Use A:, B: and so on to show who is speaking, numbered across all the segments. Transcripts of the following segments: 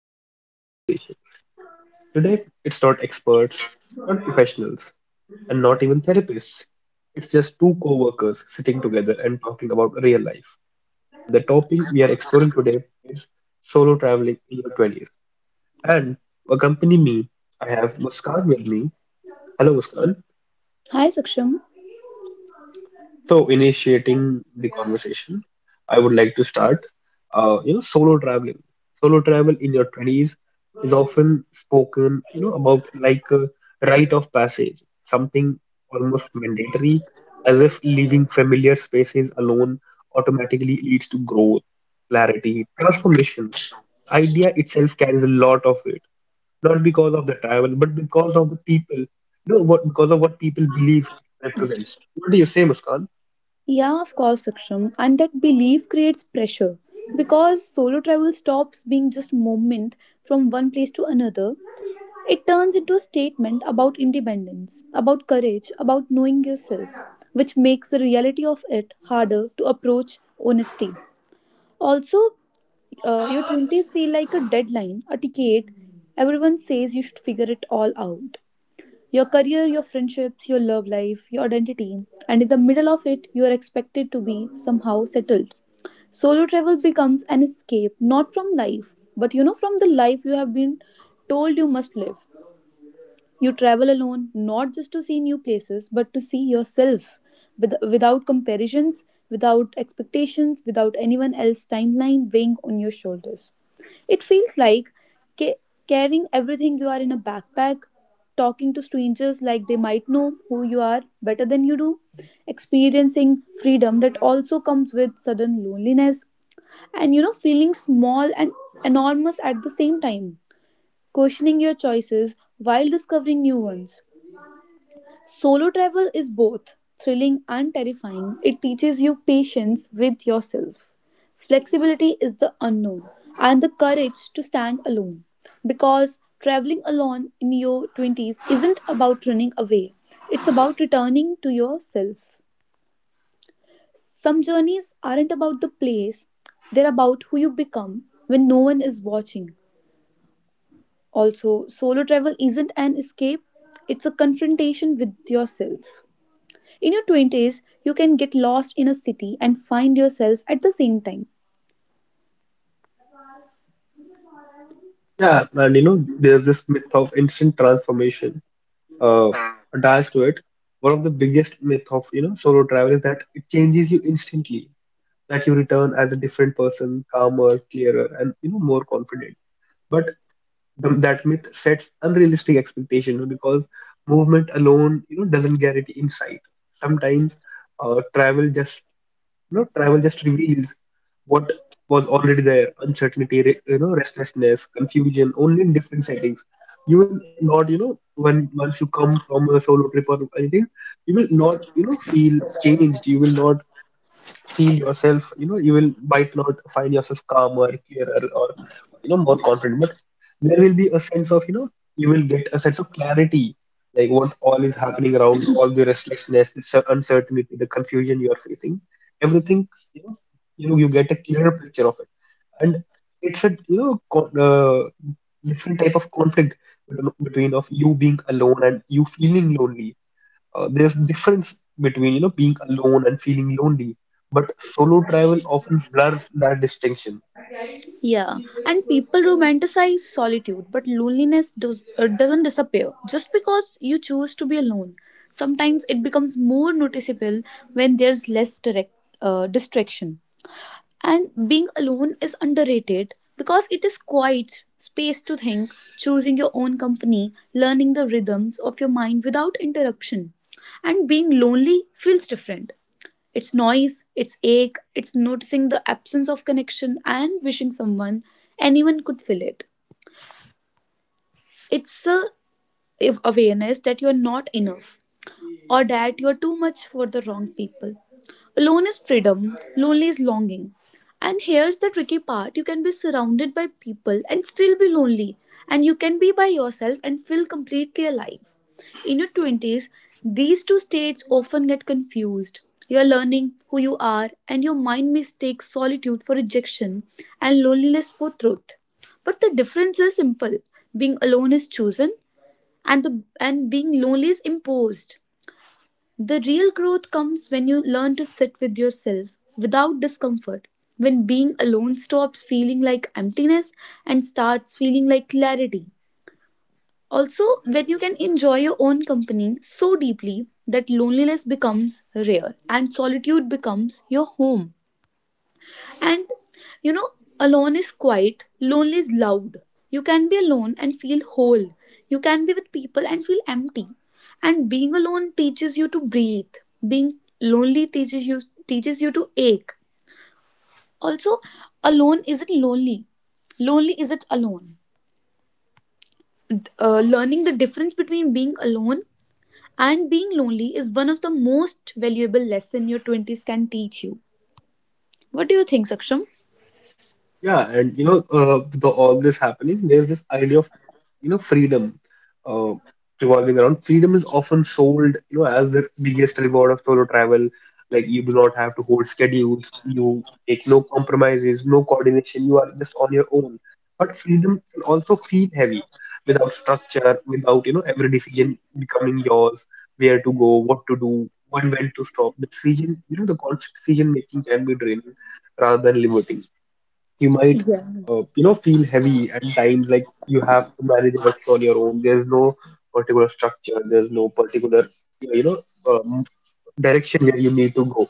A: Coffee Break Conversations. Today, it's not experts, not professionals, and not even therapists. It's just two co workers sitting together and talking about real life. The topic we are exploring today is solo traveling in your 20s. And to accompany me, I have Muskan with me. Hello, Muskan.
B: Hi Saksham.
A: So, initiating the conversation, I would like to start. Solo traveling. Solo travel in your 20s is often spoken, about like a rite of passage, something almost mandatory, as if leaving familiar spaces alone automatically leads to growth, clarity, transformation. Idea itself carries a lot of weight, not because of the travel, but because of the people, you know, what because of what people believe it represents. What do you say, Muskan?
B: Yeah, of course, Saksham. And that belief creates pressure because solo travel stops being just movement from one place to another. It turns into a statement about independence, about courage, about knowing yourself, which makes the reality of it harder to approach Honesty. Also, your 20s feel like a deadline, a ticket. Everyone says you should figure it all out. Your career, your friendships, your love life, your identity, and in the middle of it, you are expected to be somehow settled. Solo travel becomes an escape not from life, but from the life you have been told you must live. You travel alone, not just to see new places, but to see yourself with, without comparisons, without expectations, without anyone else's timeline weighing on your shoulders. It feels like ca- carrying everything you are in a backpack, talking to strangers like they might know who you are better than you do, experiencing freedom that also comes with sudden loneliness, and feeling small and enormous at the same time questioning your choices while discovering new ones. Solo travel is both thrilling and terrifying. It teaches you patience with yourself. Flexibility is the unknown and the courage to stand alone. Because traveling alone in your 20s isn't about running away, it's about returning to yourself. Some journeys aren't about the place, they're about who you become when no one is watching. Also, solo travel isn't an escape, it's a confrontation with yourself. In your 20s, you can get lost in a city and find yourself at the same time.
A: Yeah, and there's this myth of instant transformation uh, attached to it. One of the biggest myth of, solo travel is that it changes you instantly, that you return as a different person, calmer, clearer, and, more confident. But that myth sets unrealistic expectations because movement alone, doesn't guarantee insight. Sometimes uh, travel just travel just reveals what was already there: uncertainty, restlessness, confusion. Only in different settings. You will not, when once you come from a solo trip or anything, you will not, feel changed. You will not feel yourself, you will might not find yourself calmer, clearer, or more confident. But there will be a sense of, you will get a sense of clarity, like what all is happening around, all the restlessness, the uncertainty, the confusion you are facing, everything, you know, you get a clearer picture of it, and it's a different type of conflict between of you being alone and you feeling lonely. There's difference between being alone and feeling lonely, but solo travel often blurs that distinction.
B: Yeah, and people romanticize solitude, but loneliness doesn't disappear just because you choose to be alone. Sometimes it becomes more noticeable when there's less direct distraction. And being alone is underrated because it is quiet space to think, choosing your own company, learning the rhythms of your mind without interruption. And being lonely feels different. It's noise, it's ache, it's noticing the absence of connection and wishing someone, anyone could fill it. It's a if awareness that you're not enough or that you're too much for the wrong people. Alone is freedom, lonely is longing. And here's the tricky part you can be surrounded by people and still be lonely, and you can be by yourself and feel completely alive. In your 20s, these two states often get confused. You're learning who you are, and your mind mistakes solitude for rejection and loneliness for truth. But the difference is simple being alone is chosen, and being lonely is imposed. The real growth comes when you learn to sit with yourself without discomfort, when being alone stops feeling like emptiness and starts feeling like clarity. Also, when you can enjoy your own company so deeply that loneliness becomes rare and solitude becomes your home. And you know, alone is quiet, lonely is loud. You can be alone and feel whole. You can be with people and feel empty. And being alone teaches you to breathe. Being lonely teaches you to ache. Also, alone isn't lonely. Lonely isn't alone. Learning the difference between being alone and being lonely is one of the most valuable lesson your 20s can teach you. What do you think, Saksham?
A: Yeah, and all this happening, there's this idea of, freedom uh, revolving around. Freedom is often sold, as the biggest reward of solo travel. Like you do not have to hold schedules, you make no compromises, no coordination. You are just on your own. But freedom can also feel heavy without structure, without, every decision becoming yours, where to go, what to do, when to stop. The decision, the constant decision making can be draining rather than liberating. You might
B: Yeah.
A: feel heavy at times, like you have to manage everything on your own. There's no particular structure, there's no particular, you know um, direction where you need to go.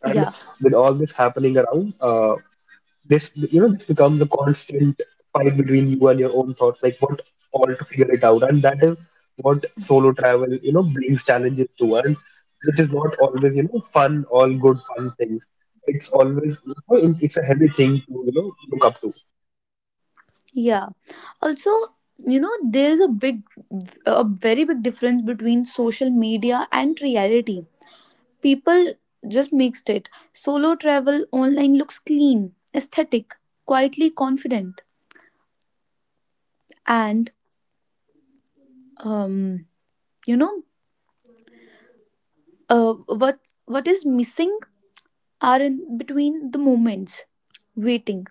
A: And
B: Yeah.
A: with all this happening around, this you know this becomes a constant fight between you and your own thoughts, like what all to figure it out, and that is what solo travel, brings challenges to. And it is not always, fun, all good fun things. It's always you know, it- it's a heavy thing to, look up to.
B: Yeah. Also, there is a very big difference between social media and reality. People just mixed it. Solo travel online looks clean, aesthetic, quietly confident, and um, you know, what is missing are in between the moments, waiting,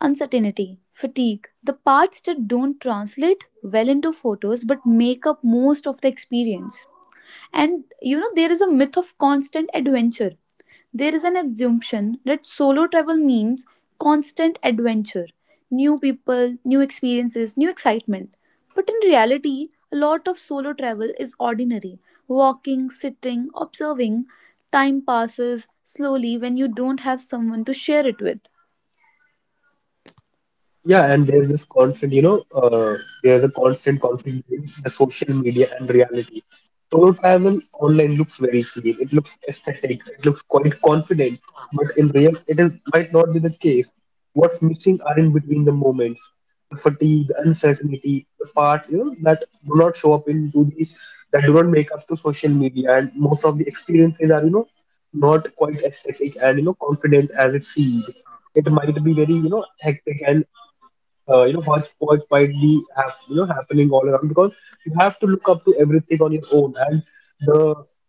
B: uncertainty, fatigue, the parts that don't translate well into photos but make up most of the experience. And there is a myth of constant adventure. There is an assumption that solo travel means constant adventure, new people, new experiences, new excitement. But in reality, a lot of solo travel is ordinary walking, sitting, observing. Time passes slowly when you don't have someone to share it with.
A: Yeah, and there's this constant, there's a constant conflict between the social media and reality. Solo travel online looks very clean, it looks aesthetic, it looks quite confident, but in real, it is might not be the case. What's missing are in between the moments, the fatigue, the uncertainty, the parts, that do not show up into the, that do not make up to social media, and most of the experiences are, not quite aesthetic and confident as it seems. It might be very hectic, and hodgepodge widely have, happening all around, because you have to look up to everything on your own, and the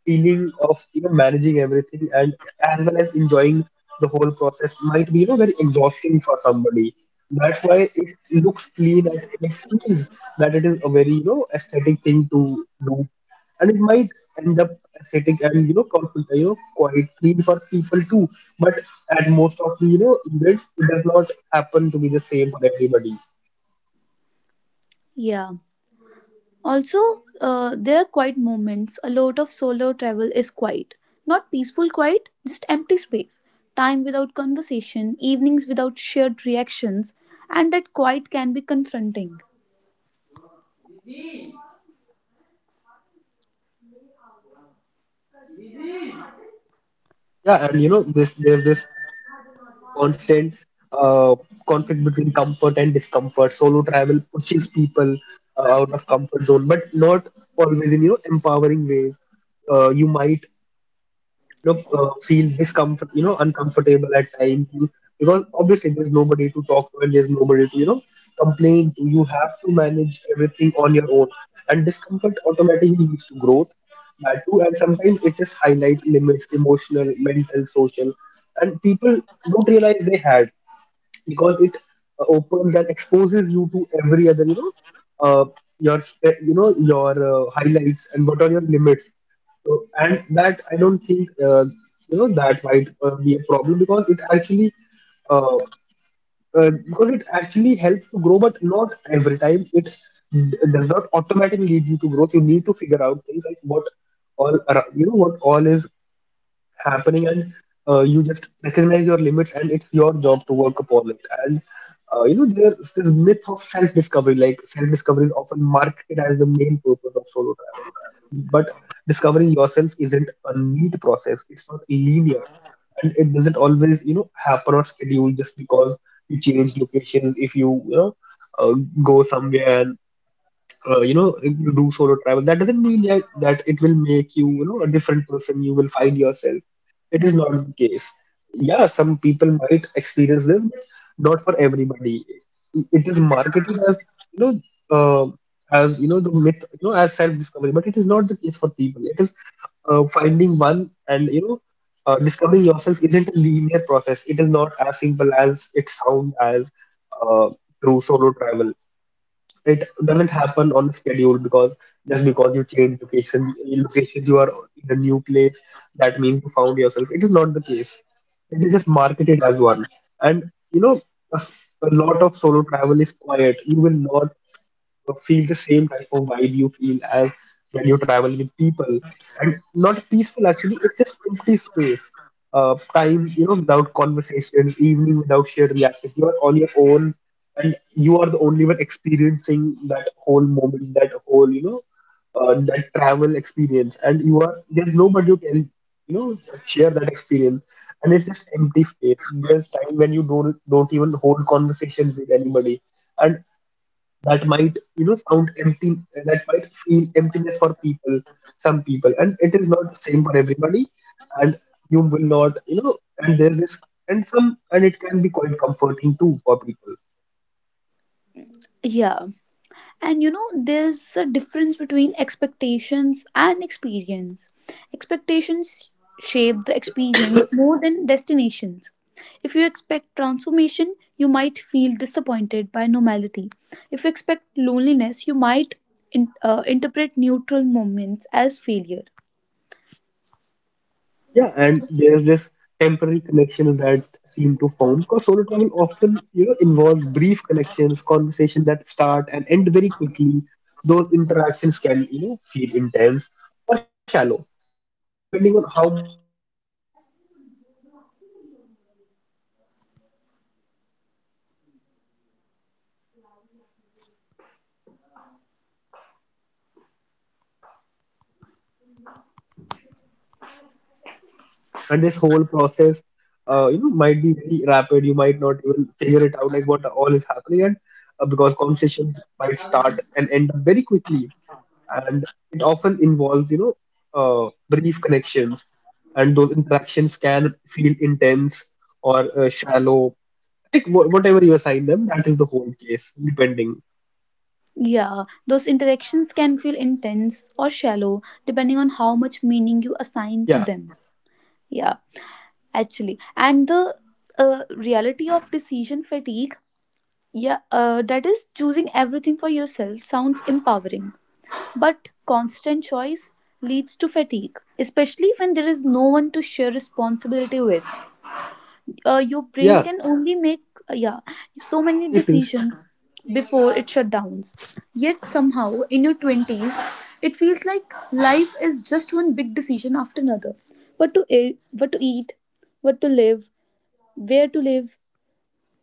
A: feeling of, managing everything and as well as enjoying the whole process might be, very exhausting for somebody. That's why it looks clean and it feels that it is a very, aesthetic thing to do, and it might end up aesthetic and, conflict, quite clean for people too. But at most of the, events, it does not happen to be the same for everybody.
B: Yeah. Also, there are quiet moments. A lot of solo travel is quiet. Not peaceful quiet, just empty space. Time without conversation, evenings without shared reactions, and that quiet can be confronting.
A: Yeah, and you know this there's this constant, uh, conflict between comfort and discomfort. Solo travel pushes people out of comfort zone, but not always in, empowering ways. You might feel discomfort, uncomfortable at times. Because obviously there's nobody to talk to, and there's nobody to, complain to. You have to manage everything on your own, and discomfort automatically leads to growth. That too, and sometimes it just highlight limits, emotional, mental, social, and people don't realize they had, because it opens and exposes you to every other, uh, your your highlights and what are your limits. So, and that I don't think, that might be a problem, uh, because it actually helps to grow, but not every time it does not automatically lead you to growth. You need to figure out things, like what all what all is happening, and you just recognize your limits, and it's your job to work upon it. And there's this myth of self-discovery. Like self-discovery is often marketed as the main purpose of solo travel, but discovering yourself isn't a neat process, it's not linear, and it doesn't always, happen on schedule just because you change locations. If you, you know uh, go somewhere and uh, you know do solo travel, that doesn't mean that it will make you, you know a different person, you will find yourself. It is not the case. Yeah, some people might experience this, but not for everybody. It is marketed as, you know uh, as, the myth, as self discovery, but it is not the case for people. It is finding one and, discovering yourself isn't a linear process, it is not as simple as it sounds, as uh, through solo travel. It doesn't happen on a schedule, because just because you change locations, you are in a new place, that means you found yourself. It is not the case. It is just marketed as one. And you know a, a lot of solo travel is quiet. You will not feel the same type of vibe you feel as when you travel with people, and not peaceful, actually it's just empty space. Time, without conversation, evening without shared reaction, you are on your own. And you are the only one experiencing that whole moment, that whole, that travel experience, and you are there's nobody to tell, share that experience. And it's just empty space, there's time when you don't even hold conversations with anybody. And that might, sound empty, that might feel emptiness for people, some people, and it is not the same for everybody. And you will not you know and there's this and some and it can be quite comforting too for people.
B: Yeah, and there's a difference between expectations and experience. Expectations shape the experience more than destinations. If you expect transformation, you might feel disappointed by normality. If you expect loneliness, you might interpret neutral moments as failure.
A: Yeah, and there's this temporary connections that seem to form, because solo travel often, involves brief connections, conversations that start and end very quickly. Those interactions can, feel intense or shallow, depending on how much meaning you assign to them. You can, meet people and indulge into conversation. Sometimes it might be very fruitful and you might enjoy them, but sometimes it might be very shallow, and depending on whatever, you assign them. And this whole process, might be very rapid, you might not even figure it out, like what all is happening, and because conversations might start and end up very quickly. And it often involves, brief connections, and those interactions can feel intense or shallow, like whatever you assign them, that is the whole case depending.
B: Yeah, those interactions can feel intense or shallow depending on how much meaning you assign to
A: Yeah.
B: them. Yeah, actually and the reality of decision fatigue, yeah, that is choosing everything for yourself sounds empowering, but constant choice leads to fatigue, especially when there is no one to share responsibility with. Your brain
A: Yeah,
B: can only make uh, yeah so many
A: please, please.
B: decisions before it shut down, yet somehow in your 20s it feels like life is just one big decision after another. What to eat, what to live, where to live,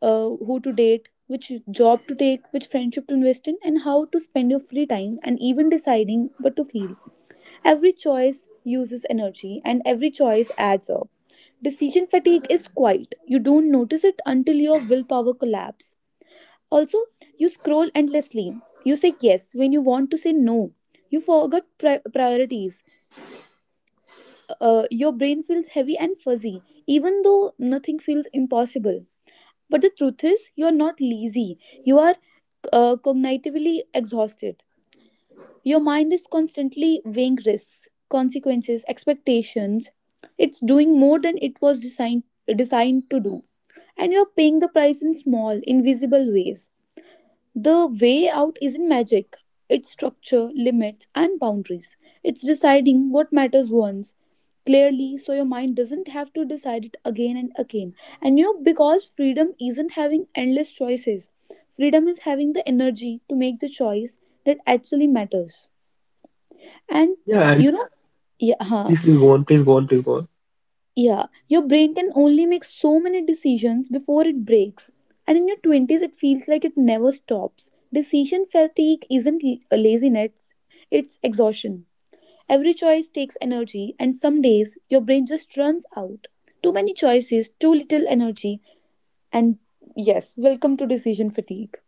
B: who to date, which job to take, which friendship to invest in, and how to spend your free time, and even deciding what to feel. Every choice uses energy, and every choice adds up. Decision fatigue is quiet. You don't notice it until your willpower collapses. Also, you scroll endlessly. You say yes when you want to say no. You forget priorities. Your brain feels heavy and fuzzy, even though nothing feels impossible. But the truth is, you are not lazy. You are cognitively exhausted. Your mind is constantly weighing risks, consequences, expectations. It's doing more than it was designed to do, and you're paying the price in small, invisible ways. The way out isn't magic, it's structure, limits, and boundaries. It's deciding what matters once clearly so your mind doesn't have to decide it again and again. And because freedom isn't having endless choices, freedom is having the energy to make the choice that actually matters. And
A: Yeah,
B: you
A: and
B: know, yeah, huh.
A: please, please go on, please go on, please go on.
B: Yeah, your brain can only make so many decisions before it breaks. And in your 20s, it feels like it never stops. Decision fatigue isn't laziness, it's exhaustion. Every choice takes energy, and some days your brain just runs out. Too many choices, too little energy, and yes, welcome to decision fatigue.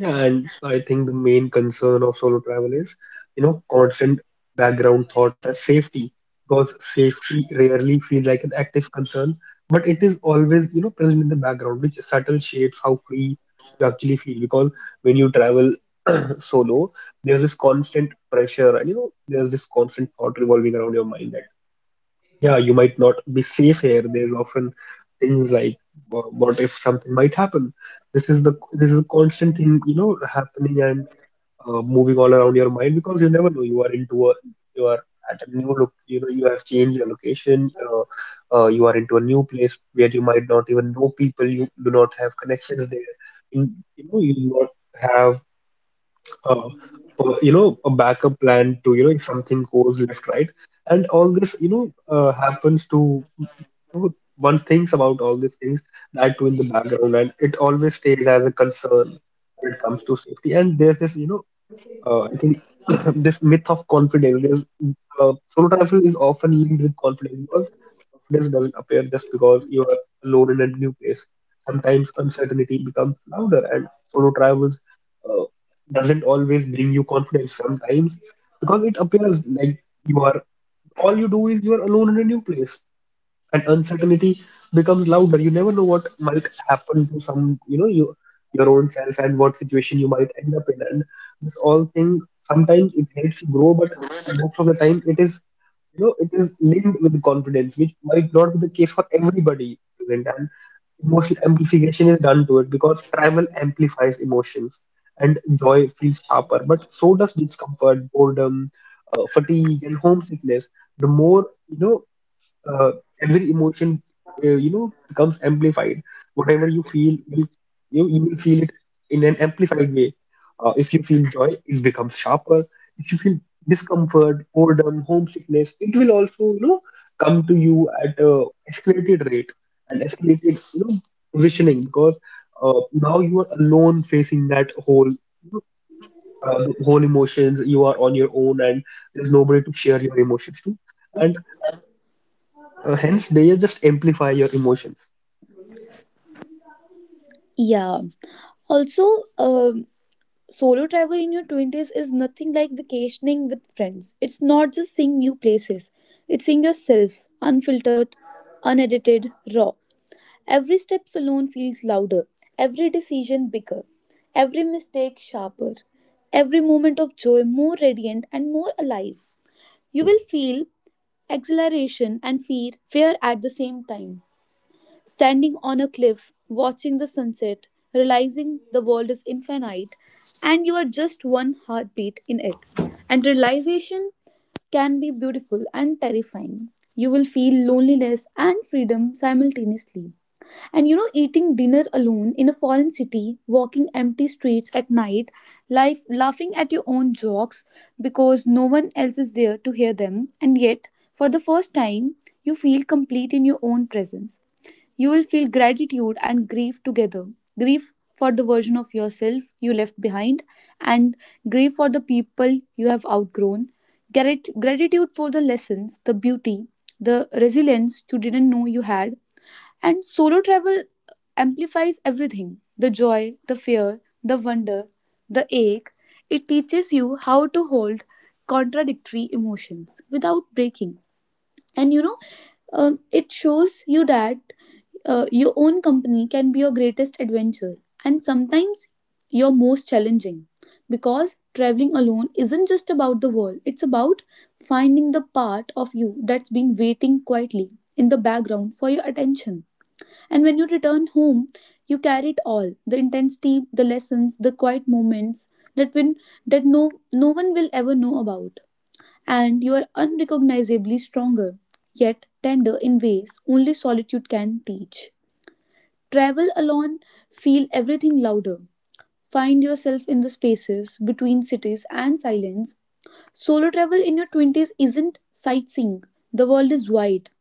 A: Yeah, and I think the main concern of solo travel is, constant background thought as safety, because safety rarely feels like an active concern, but it is always, present in the background, which subtle shapes how free you actually feel. Because when you travel solo, there's this constant pressure, and there's this constant thought revolving around your mind, yeah, you might not be safe here. There's often things like, what if something might happen? This is a constant thing, you know, happening and moving all around your mind because you never know. You are at a new look. You know, you have changed your location. You are into a new place where you might not even know people. You do not have connections there. In, you know, you do not have uh, you know a backup plan to you know if something goes left right and all this you know happens to one thinks about all these things that too in the background, and it always stays as a concern when it comes to safety. And there's this you know I think this myth of confidence, solo travel is often linked with confidence, because confidence doesn't appear just because you are alone in a new place. Sometimes uncertainty becomes louder, and solo travels uh, doesn't always bring you confidence. Sometimes because it appears like you are all you do is you are alone in a new place and uncertainty becomes louder. You never know what might happen to some you know you your own self and what situation you might end up in, and this all thing sometimes it helps you grow, but most of the time it is you know it is linked with confidence, which might not be the case for everybody present. And emotional amplification is done to it, because travel amplifies emotions and joy feels sharper, but so does discomfort, boredom, fatigue and homesickness. The more you know uh, every emotion you know becomes amplified. Whatever you feel, will you will feel it in an amplified way. If you feel joy, it becomes sharper. If you feel discomfort, boredom, homesickness, it will also you know come to you at a escalated rate and escalated you know positioning, because now you are alone facing that whole you know, whole emotions. You are on your own, and there's nobody to share your emotions to and. Hence, they just amplify your emotions.
B: Yeah, also, solo travel in your 20s is nothing like vacationing with friends. It's not just seeing new places, it's seeing yourself, unfiltered, unedited, raw. Every step alone feels louder, every decision bigger, every mistake sharper, every moment of joy more radiant and more alive. You will feel exhilaration and fear at the same time standing on a cliff, watching the sunset, realizing the world is infinite and you are just one heartbeat in it. And realization can be beautiful and terrifying. You will feel loneliness and freedom simultaneously. And eating dinner alone in a foreign city, walking empty streets at night, life, laughing at your own jokes because no one else is there to hear them, and yet, for the first time, you feel complete in your own presence. You will feel gratitude and grief together. Grief for the version of yourself you left behind, and grief for the people you have outgrown. Gratitude for the lessons, the beauty, the resilience you didn't know you had. And solo travel amplifies everything the joy, the fear, the wonder, the ache. It teaches you how to hold contradictory emotions without breaking, and it shows you that your own company can be your greatest adventure, and sometimes your most challenging, because traveling alone isn't just about the world, it's about finding the part of you that's been waiting quietly in the background for your attention. And when you return home, you carry it all the intensity, the lessons, the quiet moments that when that no no one will ever know about, and you are unrecognizably stronger, yet tender in ways only solitude can teach. Travel alone, feel everything louder. Find yourself in the spaces between cities and silence. Solo travel in your 20s isn't sightseeing. The world is wide,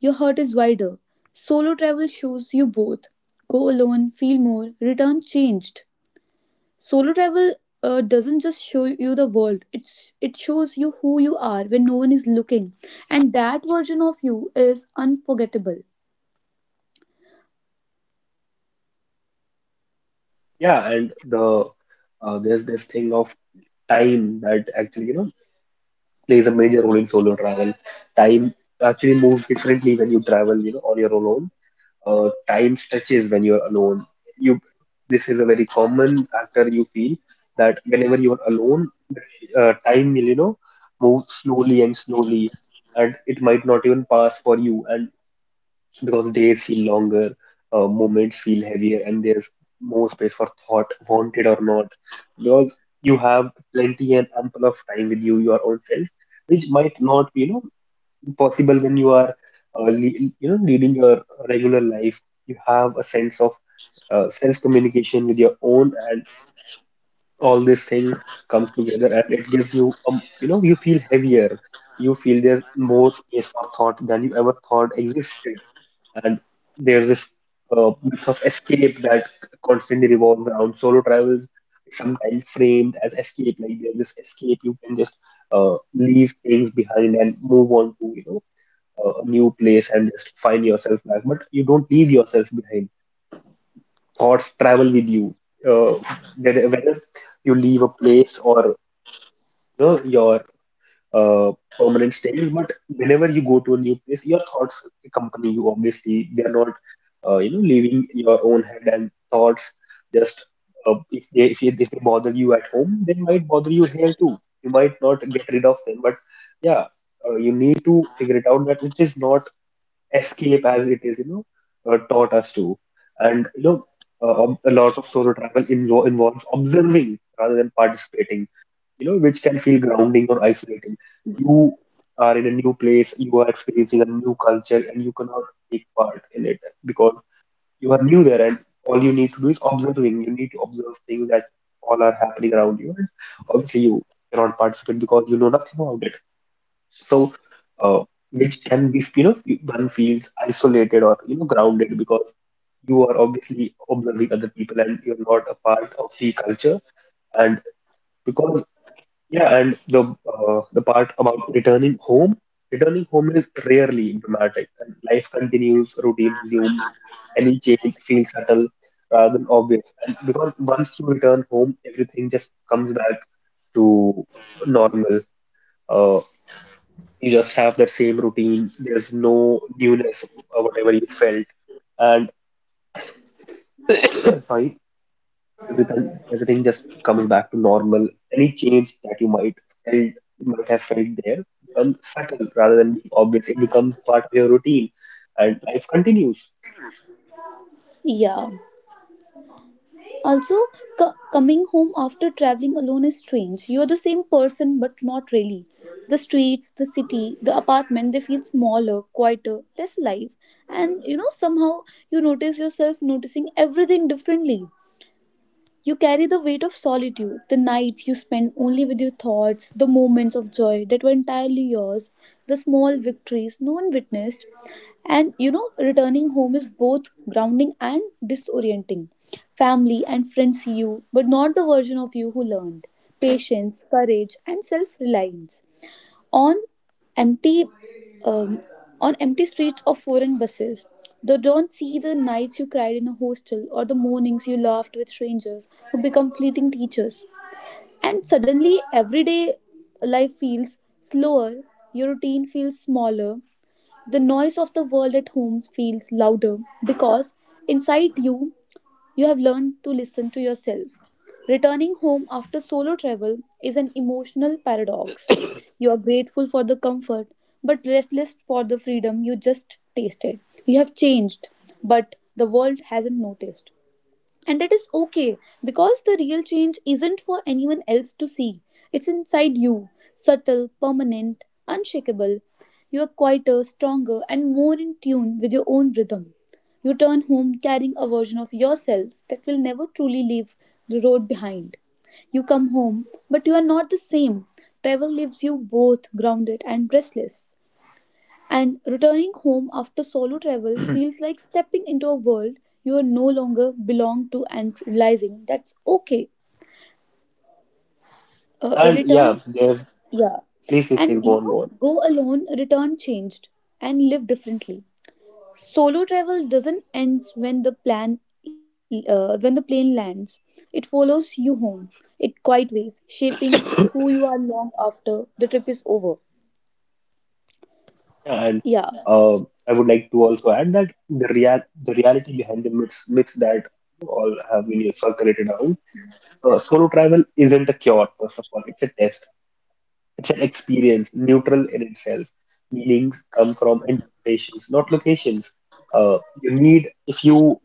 B: your heart is wider. Solo travel shows you both. Go alone, feel more, return changed. Solo travel doesn't just show you the world; it shows you who you are when no one is looking, and that version of you is unforgettable.
A: Yeah, and the there's this thing of time that actually, you know, plays a major role in solo travel. Time actually moves differently when you travel, you know, on your own. Time stretches when you're alone. You, this is a very common factor you feel that whenever you're alone, time will, you know, move slowly and slowly, and it might not even pass for you. And because days feel longer, moments feel heavier, and there's more space for thought, wanted or not, because you have plenty and ample of time with you, your own self, which might not be, you know, possible when you are, you know, leading your regular life. You have a sense of self-communication with your own, and all this thing comes together, and it gives you, you know, you feel heavier. You feel there's more space for thought than you ever thought existed. And there's this myth of escape that constantly revolves around solo travels, sometimes framed as escape. Like there's this escape, you can just leave things behind and move on to you know a new place and just find yourself back. But you don't leave yourself behind. Thoughts travel with you. Uh, Whether you leave a place or you know, your uh, permanent stays. But whenever you go to a new place, your thoughts accompany you. Obviously, they are not you know leaving your own head and thoughts. Just if they if they bother you at home, they might bother you here too. You might not get rid of them, but yeah, you need to figure it out that it is not escape as it is you know taught us to. And you know, a lot of solo travel involves observing rather than participating, you know, which can feel grounding or isolating. You are in a new place, you are experiencing a new culture, and you cannot take part in it because you are new there, and all you need to do is observing. You need to observe things that all are happening around you, and obviously you cannot participate because you know nothing about it. So, uh, which can be, you know, one feels isolated or you know grounded because you are obviously observing other people and you're not a part of the culture. And because yeah, and the part about returning home is rarely dramatic, and life continues, routine resumes, any change feels subtle rather than obvious. And because once you return home, everything just comes back to normal. Uh, you just have that same routine. There's no newness, whatever you felt. And sorry, everything, everything just comes back to normal. Any change that you might felt, might have felt there becomes subtle rather than being obvious. It becomes part of your routine, and life continues.
B: Yeah. Also, coming home after traveling alone is strange. You're the same person, but not really. The streets, the city, the apartment, they feel smaller, quieter, less alive. And somehow you notice yourself noticing everything differently. You carry the weight of solitude, the nights you spend only with your thoughts, the moments of joy that were entirely yours, the small victories no one witnessed. And returning home is both grounding and disorienting. Family and friends see you, but not the version of you who learned patience, courage, and self reliance. On empty, um, on empty streets or foreign buses, they don't see the nights you cried in a hostel or the mornings you laughed with strangers who become fleeting teachers. And suddenly, everyday life feels slower, your routine feels smaller, the noise of the world at home feels louder because inside you, you have learned to listen to yourself. Returning home after solo travel is an emotional paradox. You are grateful for the comfort, but restless for the freedom you just tasted. You have changed, but the world hasn't noticed. And that is okay because the real change isn't for anyone else to see. It's inside you, subtle, permanent, unshakable. You are quieter, stronger, and more in tune with your own rhythm. You turn home carrying a version of yourself that will never truly leave the road behind. You come home, but you are not the same. Travel leaves you both grounded and restless. And returning home after solo travel feels like stepping into a world you are no longer belong to and realizing that's okay. Uh,
A: And yeah,
B: returns,
A: there's
B: yeah.
A: please, please, please
B: And
A: go on, go on.
B: go alone, return changed and live differently. Solo travel doesn't end when the plane lands. It follows you home. It quite ways, shaping who you are long after the trip is over.
A: Yeah, and
B: Yeah.
A: uh, I would like to also add that the reality behind the myths that all have been circulated around. Solo travel isn't a cure, first of all. It's a test. It's an experience, neutral in itself. Meanings come from interpretations, not locations. You need, if you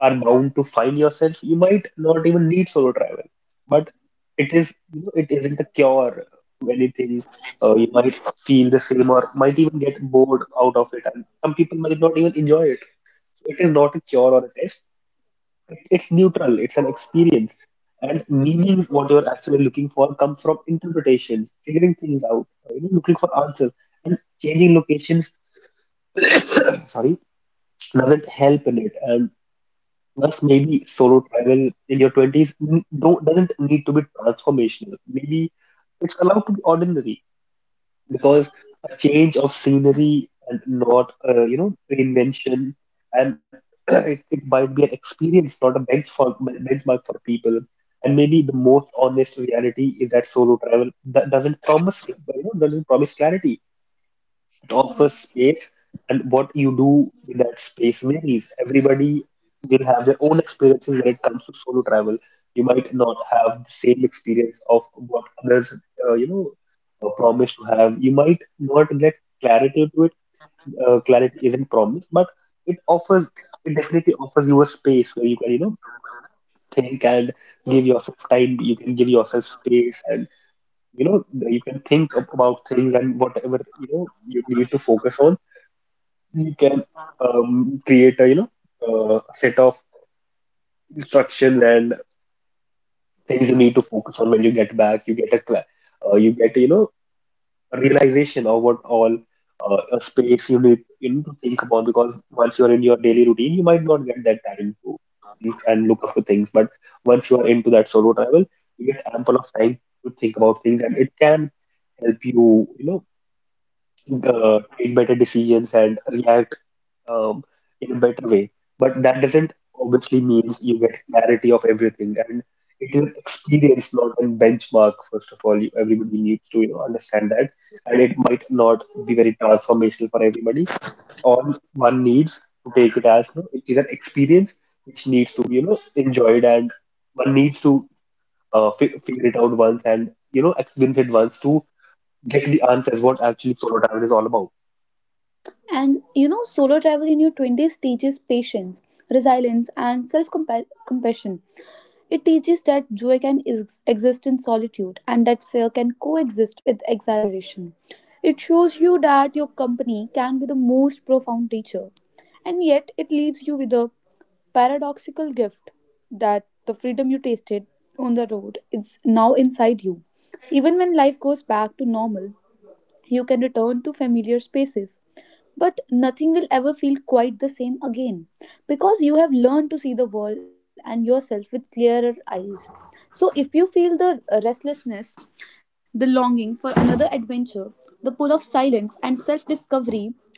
A: are bound to find yourself, you might not even need solo travel. But it is, you know, it isn't a cure to anything. You might feel the same or might even get bored out of it, and some people might not even enjoy it. So it is not a cure or a test. It's neutral, it's an experience. And meanings, what you're actually looking for, come from interpretations, figuring things out, you know, looking for answers. Changing locations, sorry, doesn't help in it. And thus, maybe solo travel in your 20s n- don't, doesn't need to be transformational. Maybe it's allowed to be ordinary, because a change of scenery and not you know reinvention. And it might be an experience, not a benchmark for people. And maybe the most honest reality is that solo travel that doesn't promise you know doesn't promise clarity, offers space, and what you do with that space varies. Everybody will have their own experiences when it comes to solo travel. You might not have the same experience of what others, uh, you know, promise to have. You might not get clarity to it. Clarity isn't promised, but it offers, it definitely offers you a space where you can, you know, think and give yourself time. You can give yourself space, and you know you can think about things. And whatever you know you need to focus on, you can create a you know set of instructions and things you need to focus on when you get back. You get a you get you know a realization of what all a space you need, you need to think about, because once you are in your daily routine, you might not get that time to think and look up to things. But once you are into that solo travel, you get ample of time to think about things, and it can help you you know take better decisions and react um, in a better way. But that doesn't obviously means you get clarity of everything, and it is an experience, not a benchmark. First of all, you, everybody needs to you know understand that, and it might not be very transformational for everybody. All one needs to take it as you know, it is an experience which needs to be you know enjoyed, and one needs to figure it out once and you know experience it once to get the answers what actually solo travel is all about.
B: And solo travel in your 20s teaches patience, resilience, and self compassion. It teaches that joy can exist in solitude and that fear can coexist with exhilaration. It shows you that your company can be the most profound teacher, and yet it leaves you with a paradoxical gift that the freedom you tasted on the road is now inside you. Even when life goes back to normal, you can return to familiar spaces but nothing will ever feel quite the same again because you have learned to see the world and yourself with clearer eyes. So, if you feel the restlessness, the longing for another adventure, the pull of silence and self discovery,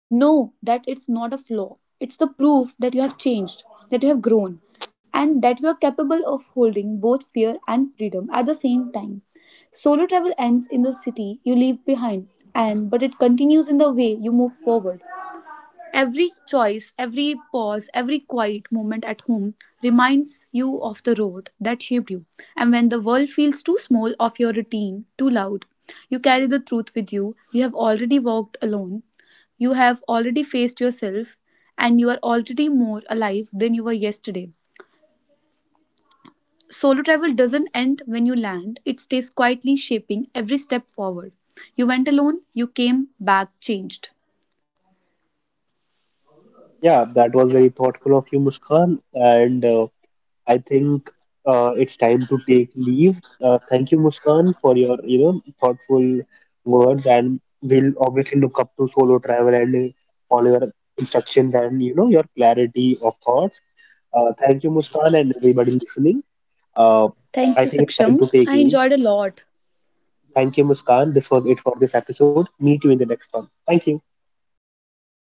B: know that it's not a flaw. It's the proof that you have changed, that you have grown, and that you are capable of holding both fear and freedom at the same time. Solo travel ends in the city you leave behind, and but it continues in the way you move forward. Every choice, every pause, every quiet moment at home reminds you of the road that shaped you. And when the world feels too small of your routine, too loud, you carry the truth with you. You have already walked alone, you have already faced yourself, and you are already more alive than you were yesterday. Solo travel doesn't end when you land, it stays quietly shaping every step forward. You went alone, you came back changed.
A: Yeah, that was very thoughtful of you, Muskan. And I think it's time to take leave. Thank you, Muskan, for your you know thoughtful words, and we'll obviously look up to solo travel and follow your instructions and you know your clarity of thoughts. Thank you, Muskan, and everybody listening. Uh,
B: Thank
A: I
B: you,
A: think it's time
B: Saksham.
A: to take
B: I
A: leave.
B: enjoyed a lot.
A: Thank you, Muskan. This was it for this episode. Meet you in the next one. Thank you.
B: Okay,